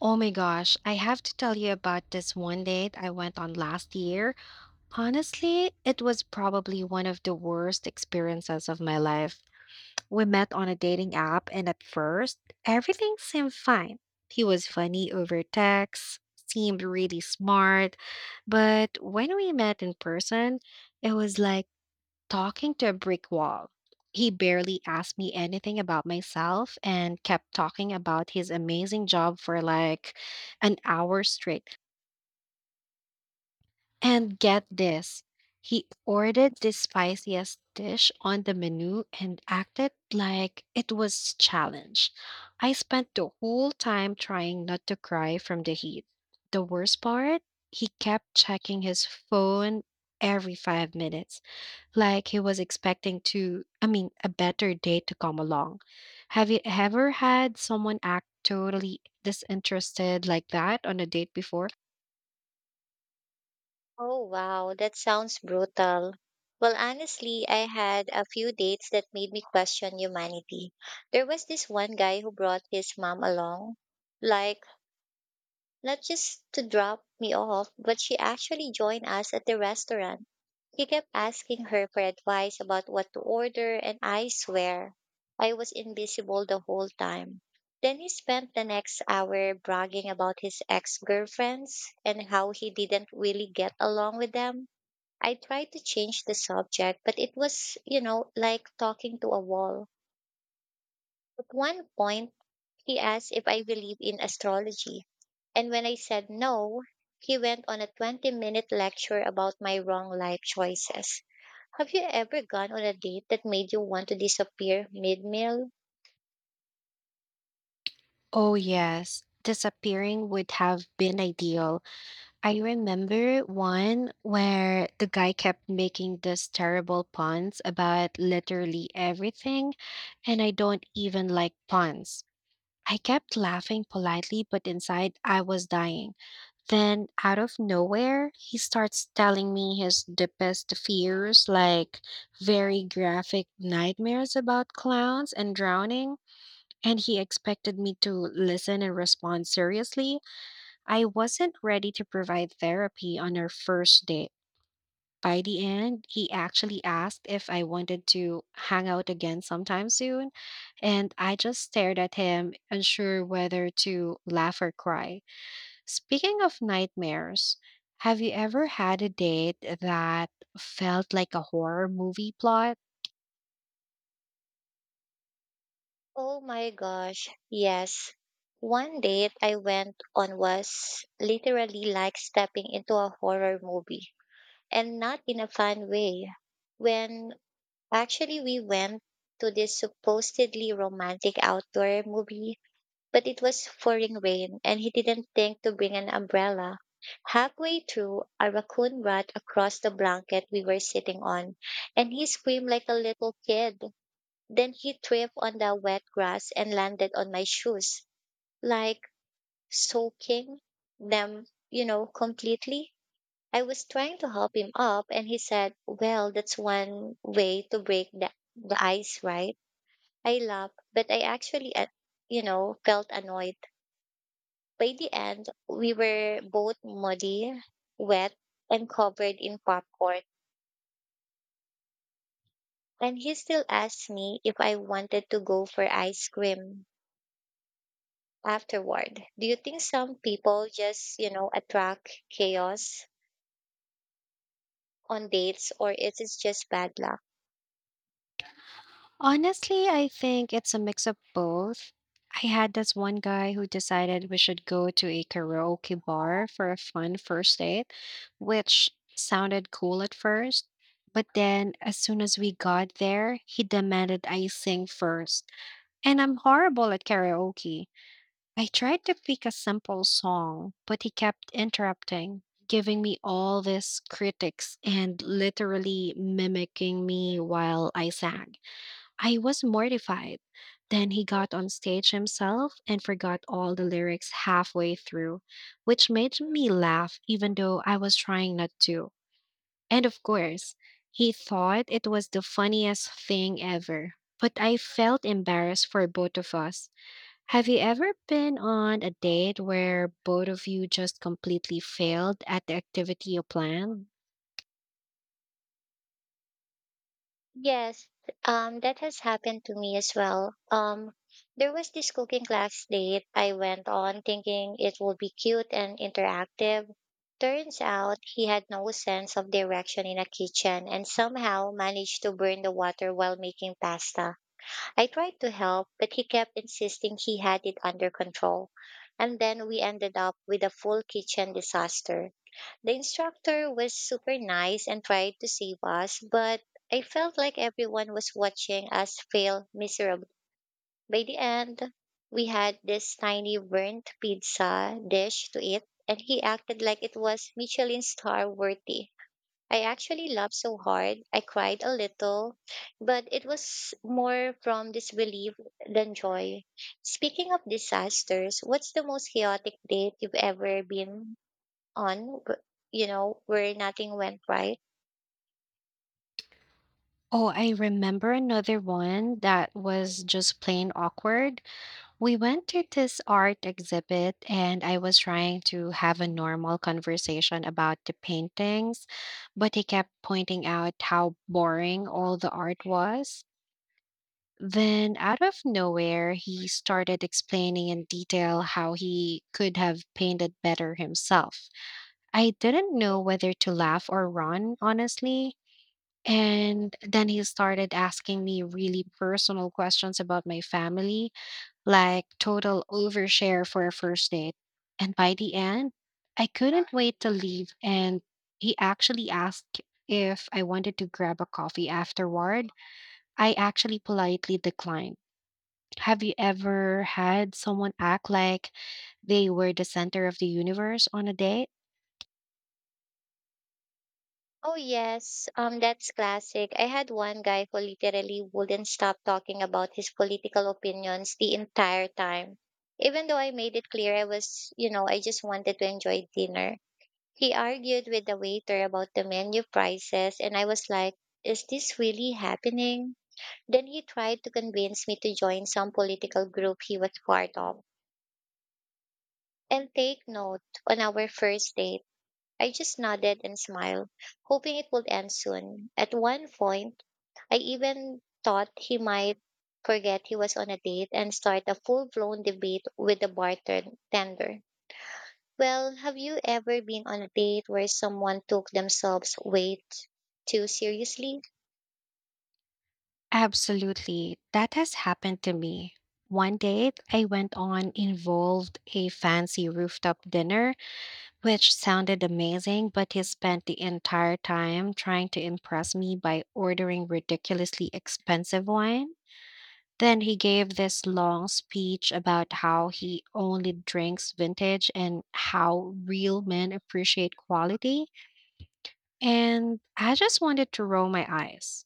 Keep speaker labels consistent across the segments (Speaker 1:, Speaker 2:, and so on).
Speaker 1: Oh my gosh, I have to tell you about this one date I went on last year. Honestly, it was probably one of the worst experiences of my life. We met on a dating app, and at first, everything seemed fine. He was funny over text, seemed really smart, but when we met in person, it was like talking to a brick wall. He barely asked me anything about myself and kept talking about his amazing job for like an hour straight. And get this, he ordered the spiciest dish on the menu and acted like it was challenge. I spent the whole time trying not to cry from the heat. The worst part, he kept checking his phone every 5 minutes like he was expecting to I mean a better date to come along. Have you ever had someone act totally disinterested like that on a date before?
Speaker 2: Oh, wow, that sounds brutal. Well, honestly, I had a few dates that made me question humanity. There was this one guy who brought his mom along, like, not just to drop me off, but she actually joined us at the restaurant. He kept asking her for advice about what to order, and I swear I was invisible the whole time. Then he spent the next hour bragging about his ex girlfriends and how he didn't really get along with them. I tried to change the subject, but it, was, you know, like talking to a wall. At one point, he asked if I believe in astrology. And when I said no, he went on a 20-minute lecture about my wrong life choices. Have you ever gone on a date that made you want to disappear mid meal?
Speaker 1: Oh yes, disappearing would have been ideal. I remember one where the guy kept making these terrible puns about literally everything, and I don't even like puns. I kept laughing politely, but inside I was dying. Then, out of nowhere, he starts telling me his deepest fears, like very graphic nightmares about clowns and drowning. And he expected me to listen and respond seriously. I wasn't ready to provide therapy on our first date. By the end, he actually asked if I wanted to hang out again sometime soon. And I just stared at him, unsure whether to laugh or cry. Speaking of nightmares, have you ever had a date that felt like a horror movie plot?
Speaker 2: Oh my gosh, yes. One date I went on was literally like stepping into a horror movie, and not in a fun way. When actually we went to this supposedly romantic outdoor movie, but it was pouring rain and he didn't think to bring an umbrella. Halfway through, a raccoon ran across the blanket we were sitting on, and he screamed like a little kid. Then he tripped on the wet grass and landed on my shoes, like, soaking them, completely. I was trying to help him up, and he said, "Well, that's one way to break the ice, right?" I laughed, but I actually, felt annoyed. By the end, we were both muddy, wet, and covered in popcorn. And he still asked me if I wanted to go for ice cream afterward. Do you think some people just attract chaos on dates, or is it just bad luck?
Speaker 1: Honestly, I think it's a mix of both. I had this one guy who decided we should go to a karaoke bar for a fun first date, which sounded cool at first. But then, as soon as we got there, he demanded I sing first. And I'm horrible at karaoke. I tried to pick a simple song, but he kept interrupting, giving me all these critics and literally mimicking me while I sang. I was mortified. Then he got on stage himself and forgot all the lyrics halfway through, which made me laugh even though I was trying not to. And of course, he thought it was the funniest thing ever. But I felt embarrassed for both of us. Have you ever been on a date where both of you just completely failed at the activity you planned?
Speaker 2: Yes, that has happened to me as well. There was this cooking class date I went on thinking it would be cute and interactive. Turns out he had no sense of direction in a kitchen and somehow managed to burn the water while making pasta. I tried to help, but he kept insisting he had it under control. And then we ended up with a full kitchen disaster. The instructor was super nice and tried to save us, but I felt like everyone was watching us fail miserably. By the end, we had this tiny burnt pizza dish to eat, and he acted like it was Michelin star worthy. I actually laughed so hard, I cried a little, but it was more from disbelief than joy. Speaking of disasters, what's the most chaotic date you've ever been on, w- where nothing went right?
Speaker 1: Oh, I remember another one that was just plain awkward. We went to this art exhibit and I was trying to have a normal conversation about the paintings, but he kept pointing out how boring all the art was. Then, out of nowhere, he started explaining in detail how he could have painted better himself. I didn't know whether to laugh or run, honestly. And then he started asking me really personal questions about my family, like total overshare for a first date. And by the end, I couldn't wait to leave. And he actually asked if I wanted to grab a coffee afterward. I actually politely declined. Have you ever had someone act like they were the center of the universe on a date?
Speaker 2: Oh yes, that's classic. I had one guy who literally wouldn't stop talking about his political opinions the entire time. Even though I made it clear I was, you know, I just wanted to enjoy dinner. He argued with the waiter about the menu prices, and I was like, is this really happening? Then he tried to convince me to join some political group he was part of. And take note, on our first date, I just nodded and smiled, hoping it would end soon. At one point, I even thought he might forget he was on a date and start a full blown debate with the bartender. Well, have you ever been on a date where someone took themselves way too seriously?
Speaker 1: Absolutely. That has happened to me. One date I went on involved a fancy rooftop dinner, which sounded amazing, but he spent the entire time trying to impress me by ordering ridiculously expensive wine. Then he gave this long speech about how he only drinks vintage and how real men appreciate quality. And I just wanted to roll my eyes.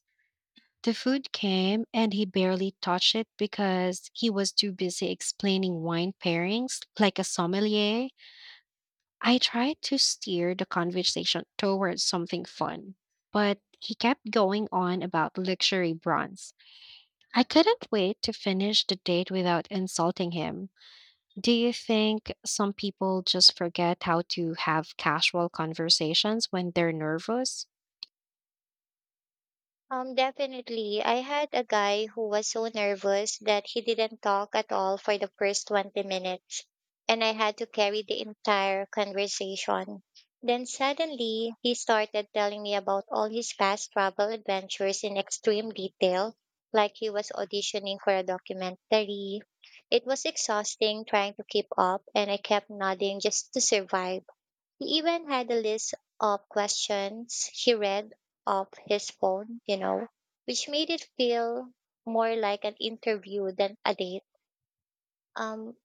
Speaker 1: The food came and he barely touched it because he was too busy explaining wine pairings like a sommelier. I tried to steer the conversation towards something fun, but he kept going on about luxury bronze. I couldn't wait to finish the date without insulting him. Do you think some people just forget how to have casual conversations when they're nervous?
Speaker 2: Definitely. I had a guy who was so nervous that he didn't talk at all for the first 20 minutes, and I had to carry the entire conversation. Then suddenly, he started telling me about all his past travel adventures in extreme detail, like he was auditioning for a documentary. It was exhausting trying to keep up, and I kept nodding just to survive. He even had a list of questions he read off his phone, which made it feel more like an interview than a date. Um,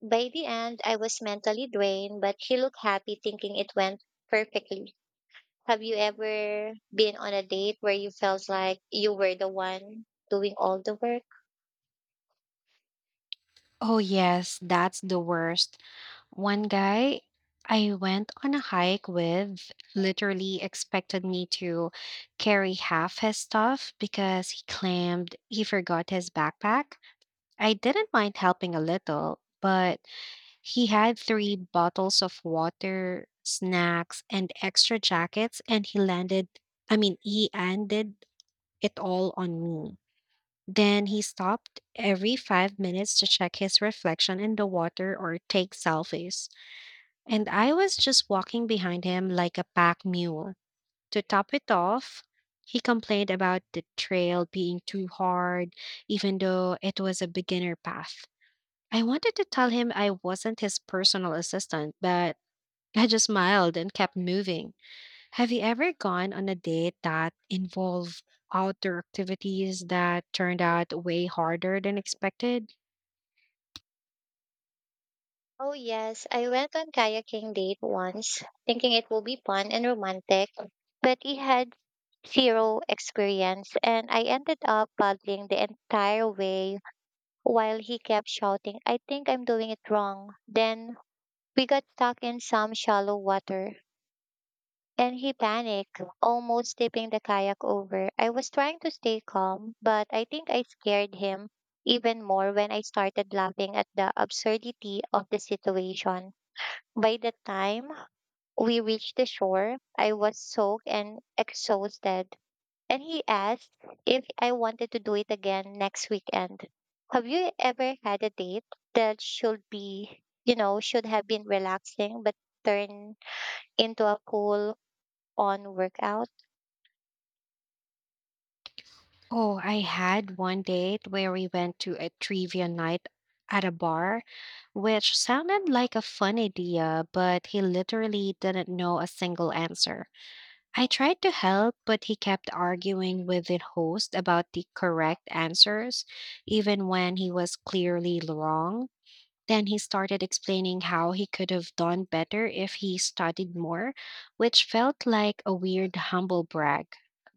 Speaker 2: by the end, I was mentally drained, but he looked happy thinking it went perfectly. Have you ever been on a date where you felt like you were the one doing all the work?
Speaker 1: Oh, yes, that's the worst. One guy I went on a hike with literally expected me to carry half his stuff because he claimed he forgot his backpack. I didn't mind helping a little, but he had three bottles of water, snacks, and extra jackets, and I mean, he ended it all on me. Then he stopped every 5 minutes to check his reflection in the water or take selfies. And I was just walking behind him like a pack mule. To top it off, he complained about the trail being too hard, even though it was a beginner path. I wanted to tell him I wasn't his personal assistant, but I just smiled and kept moving. Have you ever gone on a date that involved outdoor activities that turned out way harder than expected?
Speaker 2: Oh yes, I went on kayaking date once, thinking it will be fun and romantic, but it had zero experience and I ended up paddling the entire way while he kept shouting, "I think I'm doing it wrong." Then we got stuck in some shallow water and he panicked, almost tipping the kayak over. I was trying to stay calm, but I think I scared him even more when I started laughing at the absurdity of the situation. By the time we reached the shore, I was soaked and exhausted, and he asked if I wanted to do it again next weekend. Have you ever had a date that should be, you know, should have been relaxing but turned into a cool on workout?
Speaker 1: Oh, I had one date where we went to a trivia night at a bar, which sounded like a fun idea, but he literally didn't know a single answer. I tried to help, but he kept arguing with the host about the correct answers, even when he was clearly wrong. Then he started explaining how he could have done better if he studied more, which felt like a weird humble brag.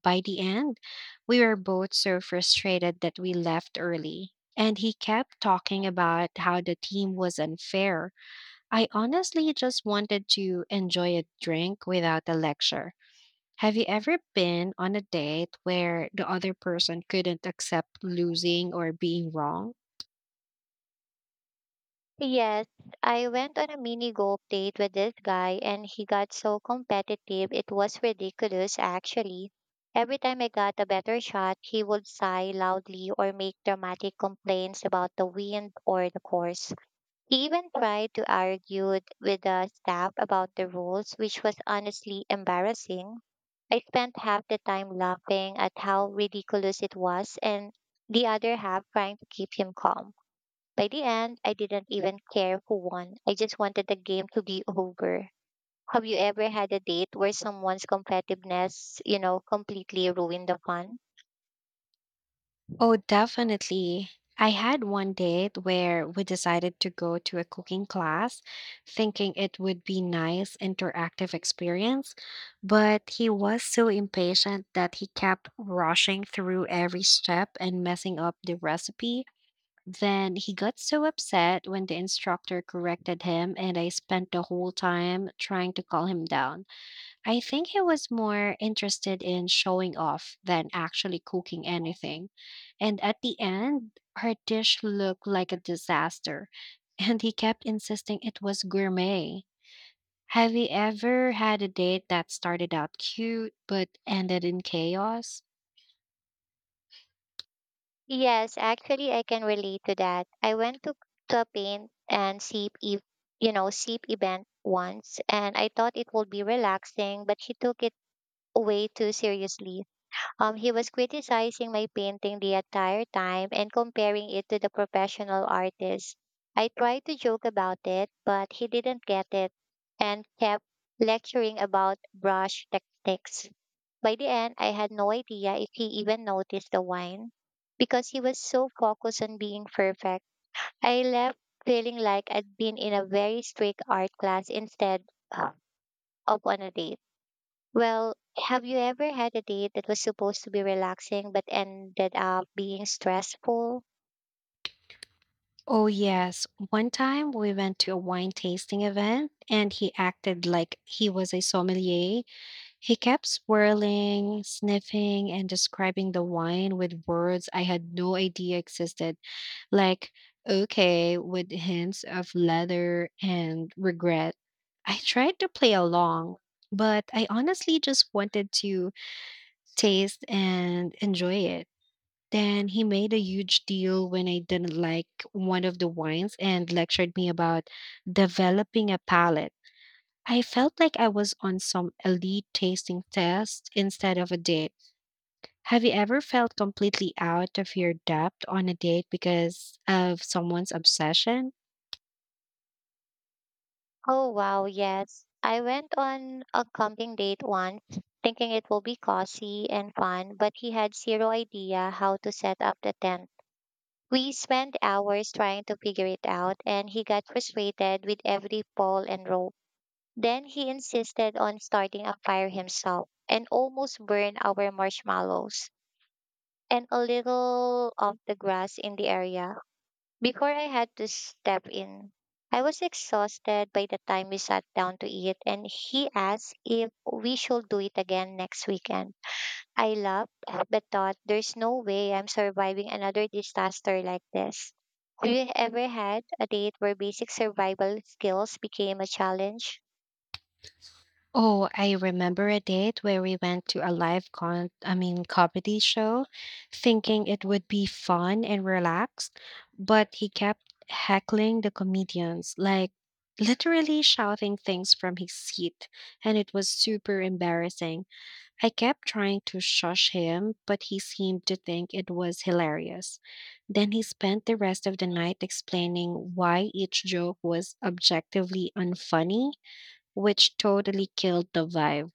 Speaker 1: By the end, we were both so frustrated that we left early. And he kept talking about how the team was unfair. I honestly just wanted to enjoy a drink without a lecture. Have you ever been on a date where the other person couldn't accept losing or being wrong?
Speaker 2: Yes, I went on a mini golf date with this guy and he got so competitive it was ridiculous actually. Every time I got a better shot, he would sigh loudly or make dramatic complaints about the wind or the course. He even tried to argue with the staff about the rules, which was honestly embarrassing. I spent half the time laughing at how ridiculous it was and the other half trying to keep him calm. By the end, I didn't even care who won. I just wanted the game to be over. Have you ever had a date where someone's competitiveness completely ruined the fun?
Speaker 1: Oh, definitely. I had one date where we decided to go to a cooking class, thinking it would be nice interactive experience, but he was so impatient that he kept rushing through every step and messing up the recipe. Then he got so upset when the instructor corrected him, and I spent the whole time trying to calm him down. I think he was more interested in showing off than actually cooking anything. And at the end, her dish looked like a disaster, and he kept insisting it was gourmet. Have you ever had a date that started out cute but ended in chaos?
Speaker 2: Yes, actually, I can relate to that. I went to a paint and sip, sip event once, and I thought it would be relaxing, but she took it way too seriously. He was criticizing my painting the entire time and comparing it to the professional artists. I tried to joke about it, but he didn't get it and kept lecturing about brush techniques. By the end, I had no idea if he even noticed the wine because he was so focused on being perfect. I left feeling like I'd been in a very strict art class instead uh, of on a date. Well, have you ever had a date that was supposed to be relaxing but ended up being stressful?
Speaker 1: Oh, yes. One time we went to a wine tasting event, and he acted like he was a sommelier. He kept swirling, sniffing, and describing the wine with words I had no idea existed, like okay with hints of leather and regret. I tried to play along, but I honestly just wanted to taste and enjoy it. Then he made a huge deal when I didn't like one of the wines and lectured me about developing a palate. I felt like I was on some elite tasting test instead of a date. Have you ever felt completely out of your depth on a date because of someone's obsession?
Speaker 2: Oh, wow, yes. I went on a camping date once, thinking it will be cozy and fun, but he had zero idea how to set up the tent. We spent hours trying to figure it out, and he got frustrated with every pole and rope. Then he insisted on starting a fire himself and almost burned our marshmallows and a little of the grass in the area. Before I had to step in, I was exhausted by the time we sat down to eat, and he asked if we should do it again next weekend. I laughed, but thought there's no way I'm surviving another disaster like this. Have you ever had a date where basic survival skills became a challenge?
Speaker 1: Oh, I remember a date where we went to a live con I mean, comedy show, thinking it would be fun and relaxed, but he kept heckling the comedians, like literally shouting things from his seat, and it was super embarrassing. I kept trying to shush him, but he seemed to think it was hilarious. Then he spent the rest of the night explaining why each joke was objectively unfunny, which totally killed the vibe.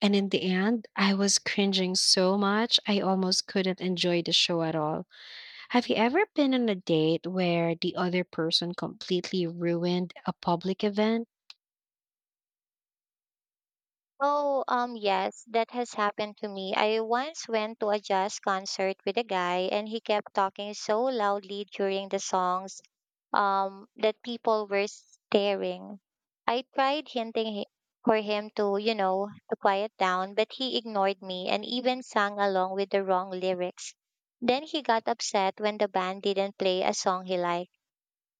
Speaker 1: And in the end, I was cringing so much, I almost couldn't enjoy the show at all. Have you ever been on a date where the other person completely ruined a public event?
Speaker 2: Oh, yes, that has happened to me. I once went to a jazz concert with a guy, and he kept talking so loudly during the songs, that people were staring. I tried for him to, to quiet down, but he ignored me and even sang along with the wrong lyrics. Then he got upset when the band didn't play a song he liked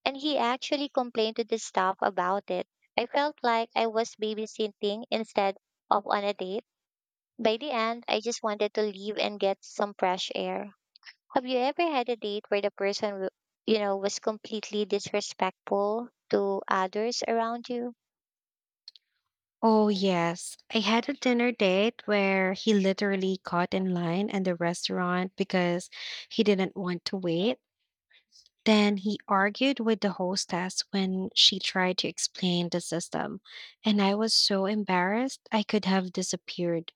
Speaker 2: and he actually complained to the staff about it. I felt like I was babysitting instead of on a date. By the end, I just wanted to leave and get some fresh air. Have you ever had a date where the person was completely disrespectful to others around you?
Speaker 1: Oh, yes. I had a dinner date where he literally got in line at the restaurant because he didn't want to wait. Then he argued with the hostess when she tried to explain the system. And I was so embarrassed, I could have disappeared.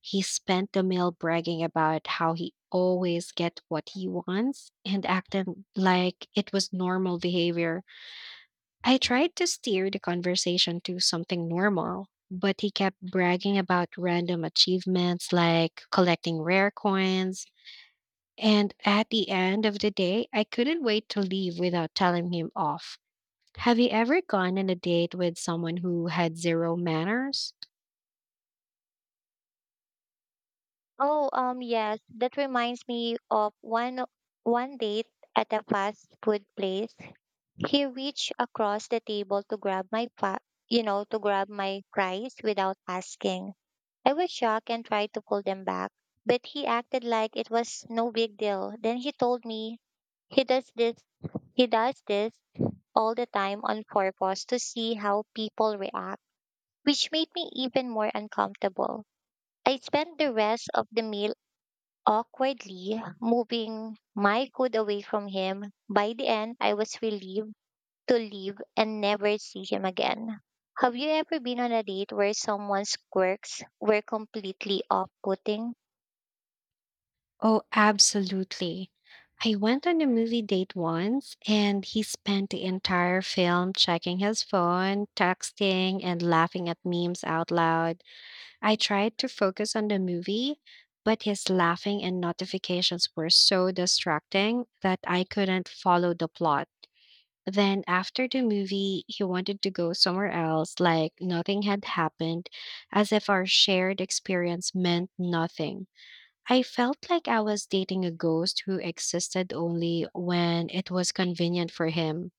Speaker 1: He spent the meal bragging about how he always gets what he wants and acted like it was normal behavior. I tried to steer the conversation to something normal, but he kept bragging about random achievements like collecting rare coins. And at the end of the day, I couldn't wait to leave without telling him off. Have you ever gone on a date with someone who had zero manners?
Speaker 2: Oh, yes, that reminds me of one date at a fast food place. He reached across the table to grab my fa- you know, to grab my fries without asking. I was shocked and tried to pull them back, but he acted like it was no big deal. Then he told me he does this he does this all the time on purpose to see how people react, which made me even more uncomfortable. I spent the rest of the meal awkwardly moving my food away from him. By the end, I was relieved to leave and never see him again. Have you ever been on a date where someone's quirks were completely off putting?
Speaker 1: Oh, absolutely. I went on a movie date once and he spent the entire film checking his phone, texting, and laughing at memes out loud. I tried to focus on the movie, but his laughing and notifications were so distracting that I couldn't follow the plot. Then, after the movie, he wanted to go somewhere else, like nothing had happened, as if our shared experience meant nothing. I felt like I was dating a ghost who existed only when it was convenient for him.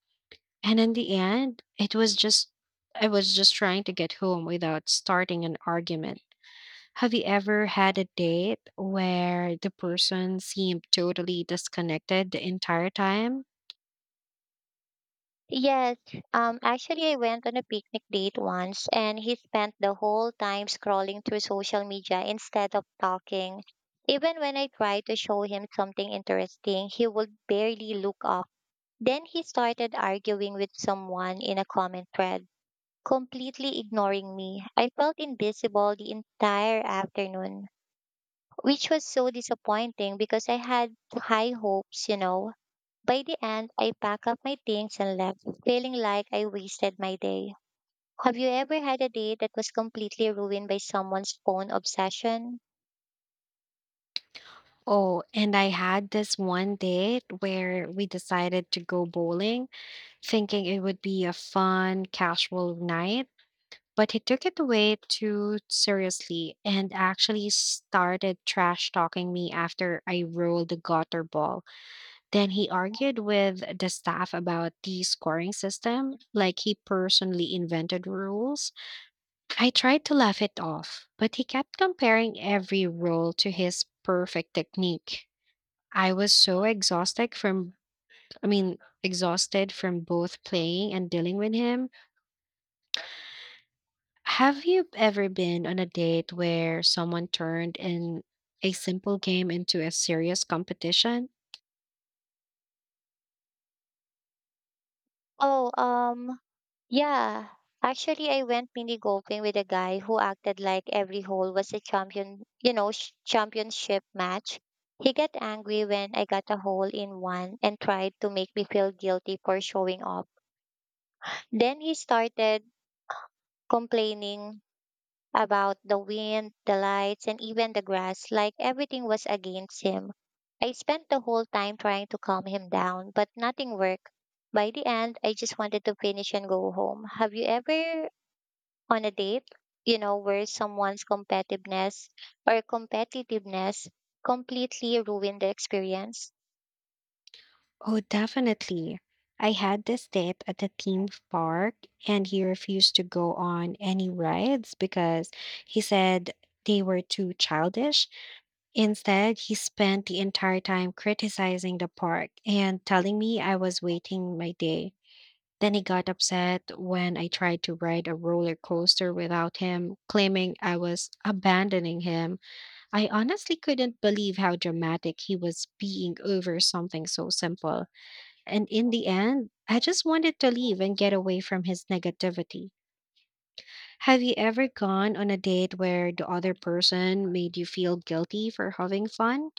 Speaker 1: And in the end, I was just trying to get home without starting an argument. Have you ever had a date where the person seemed totally disconnected the entire time?
Speaker 2: Yes, actually, I went on a picnic date once and he spent the whole time scrolling through social media instead of talking. Even when I tried to show him something interesting, he would barely look up. Then he started arguing with someone in a comment thread, completely ignoring me. I felt invisible the entire afternoon, which was so disappointing because I had high hopes, you know. By the end, I packed up my things and left, feeling like I wasted my day. Have you ever had a day that was completely ruined by someone's phone obsession?
Speaker 1: Oh, and I had this one date where we decided to go bowling, thinking it would be a fun, casual night. But he took it way too seriously and actually started trash talking me after I rolled the gutter ball. Then he argued with the staff about the scoring system, like he personally invented rules. I tried to laugh it off, but he kept comparing every roll to his perfect technique. I was so exhausted from I mean, exhausted from both playing and dealing with him. Have you ever been on a date where someone turned in a simple game into a serious competition?
Speaker 2: Oh, um, yeah. Actually, I went mini golfing with a guy who acted like every hole was a champion, you know, championship match. He got angry when I got a hole in one and tried to make me feel guilty for showing up. Then he started complaining about the wind, the lights, and even the grass, like everything was against him. I spent the whole time trying to calm him down, but nothing worked. By the end, I just wanted to finish and go home. Have you ever on a date, you know, where someone's competitiveness completely ruined the experience?
Speaker 1: Oh, definitely. I had this date at a theme park, and he refused to go on any rides because he said they were too childish. Instead, he spent the entire time criticizing the park and telling me I was waiting my day. Then he got upset when I tried to ride a roller coaster without him, claiming I was abandoning him. I honestly couldn't believe how dramatic he was being over something so simple. And in the end, I just wanted to leave and get away from his negativity. Have you ever gone on a date where the other person made you feel guilty for having fun?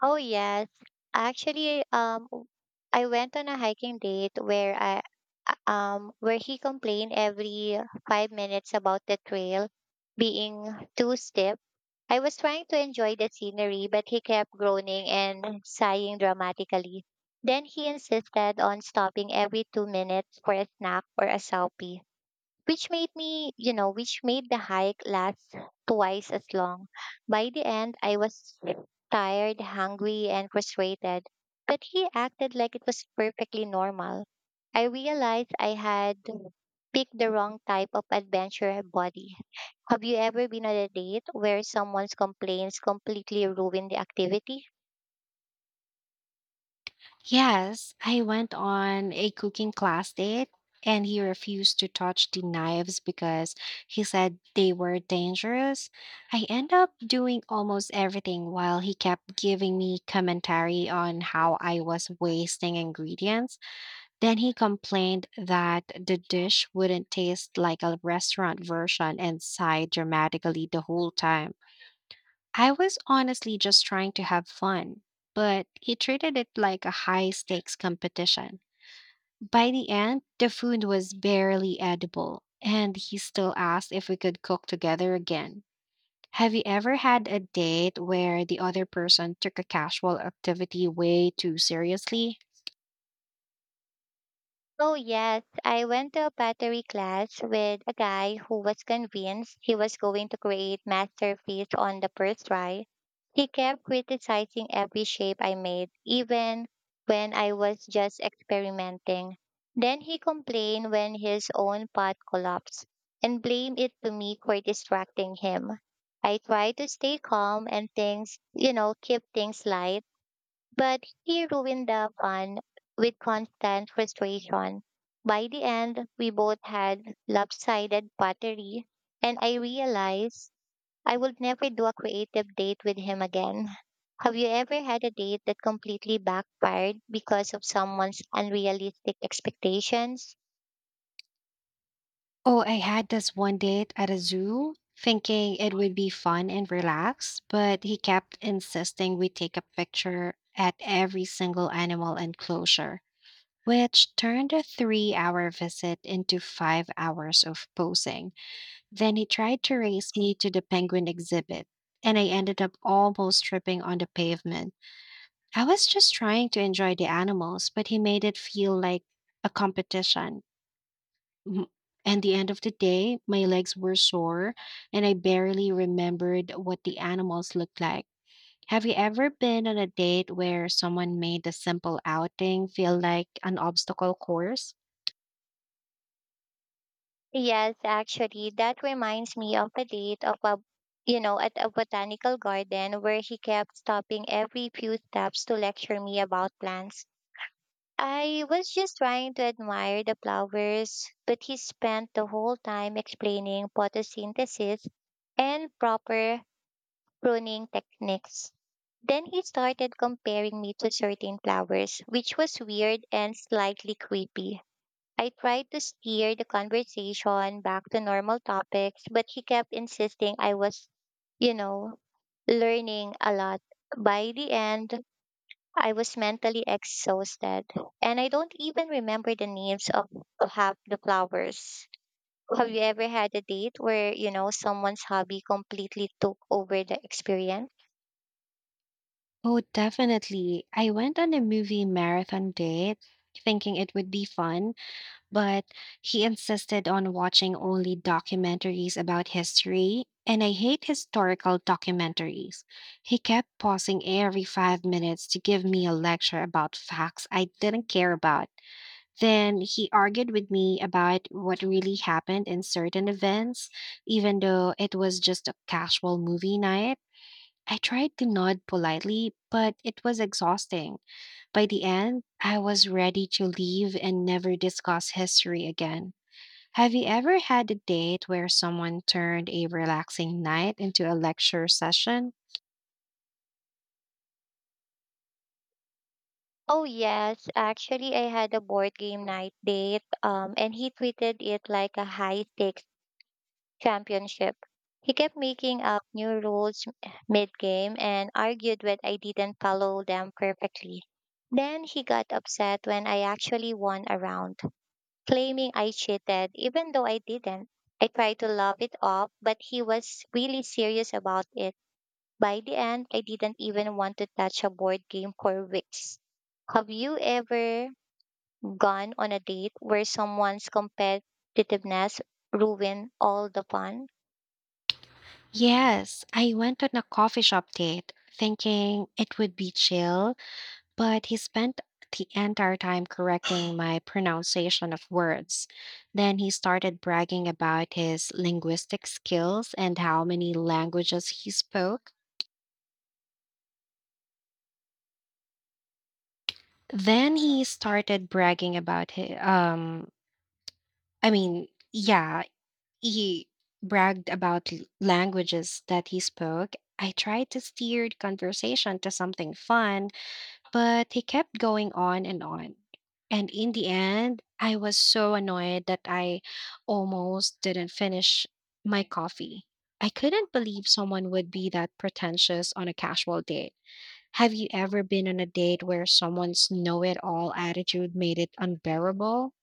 Speaker 2: Oh yes, actually, um, w- I went on a hiking date where where he complained every 5 minutes about the trail being too steep. I was trying to enjoy the scenery, but he kept groaning and sighing dramatically. Then he insisted on stopping every 2 minutes for a snack or a selfie, which made me, you know, which made the hike last twice as long. By the end, I was tired, hungry, and frustrated, but he acted like it was perfectly normal. I realized I had picked the wrong type of adventure body. Have you ever been on a date where someone's complaints completely ruin the activity?
Speaker 1: Yes, I went on a cooking class date, and he refused to touch the knives because he said they were dangerous. I end up doing almost everything while he kept giving me commentary on how I was wasting ingredients. Then he complained that the dish wouldn't taste like a restaurant version and sighed dramatically the whole time. I was honestly just trying to have fun, but he treated it like a high stakes competition. By the end, the food was barely edible, and he still asked if we could cook together again. Have you ever had a date where the other person took a casual activity way too seriously?
Speaker 2: Oh, yes. I went to a pottery class with a guy who was convinced he was going to create masterpiece on the first try. He kept criticizing every shape I made, even when I was just experimenting. Then he complained when his own pot collapsed and blamed it to me for distracting him. I tried to stay calm and keep things light, but he ruined the fun with constant frustration. By the end, we both had lopsided pottery, and I realized I would never do a creative date with him again. Have you ever had a date that completely backfired because of someone's unrealistic expectations?
Speaker 1: Oh, I had this one date at a zoo, thinking it would be fun and relaxed, but he kept insisting we take a picture at every single animal enclosure, which turned a 3 hour visit into 5 hours of posing. Then he tried to race me to the penguin exhibit, and I ended up almost tripping on the pavement. I was just trying to enjoy the animals, but he made it feel like a competition. M- And the end of the day, my legs were sore, and I barely remembered what the animals looked like. Have you ever been on a date where someone made a simple outing feel like an obstacle course?
Speaker 2: Yes, actually, that reminds me of a date of a you know, at a botanical garden where he kept stopping every few steps to lecture me about plants. I was just trying to admire the flowers, but he spent the whole time explaining photosynthesis and proper pruning techniques. Then he started comparing me to certain flowers, which was weird and slightly creepy. I tried to steer the conversation back to normal topics, but he kept insisting I was, you know, learning a lot. By the end, I was mentally exhausted, and I don't even remember the names of half the flowers. Have you ever had a date where, someone's hobby completely took over the experience?
Speaker 1: Oh, definitely. I went on a movie marathon date, thinking it would be fun, but he insisted on watching only documentaries about history, and I hate historical documentaries. He kept pausing every 5 minutes to give me a lecture about facts I didn't care about. Then he argued with me about what really happened in certain events, even though it was just a casual movie night. I tried to nod politely, but it was exhausting. By the end, I was ready to leave and never discuss history again. Have you ever had a date where someone turned a relaxing night into a lecture session?
Speaker 2: Oh yes, actually I had a board game night date, and he treated it like a high stakes championship. He kept making up new rules mid game and argued when I didn't follow them perfectly. Then he got upset when I actually won a round, claiming I cheated, even though I didn't. I tried to laugh it off, but he was really serious about it. By the end, I didn't even want to touch a board game for weeks. Have you ever gone on a date where someone's competitiveness ruined all the fun?
Speaker 1: Yes, I went on a coffee shop date, thinking it would be chill, but he spent the entire time correcting my pronunciation of words. Then he started bragging about his linguistic skills and how many languages he spoke. Then he started bragging about his, I mean, yeah, he bragged about languages that he spoke. I tried to steer the conversation to something fun, but he kept going on. And in the end, I was so annoyed that I almost didn't finish my coffee. I couldn't believe someone would be that pretentious on a casual date. Have you ever been on a date where someone's know it all attitude made it unbearable?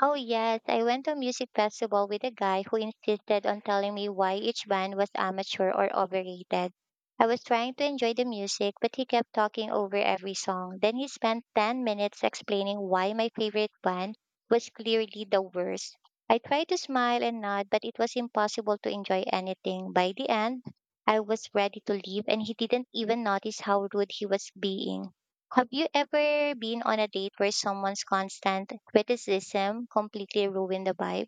Speaker 2: Oh, yes. I went to a music festival with a guy who insisted on telling me why each band was amateur or overrated. I was trying to enjoy the music, but he kept talking over every song. Then he spent 10 minutes explaining why my favorite band was clearly the worst. I tried to smile and nod, but it was impossible to enjoy anything. By the end, I was ready to leave, and he didn't even notice how rude he was being. Have you ever been on a date where someone's constant criticism completely ruined the vibe?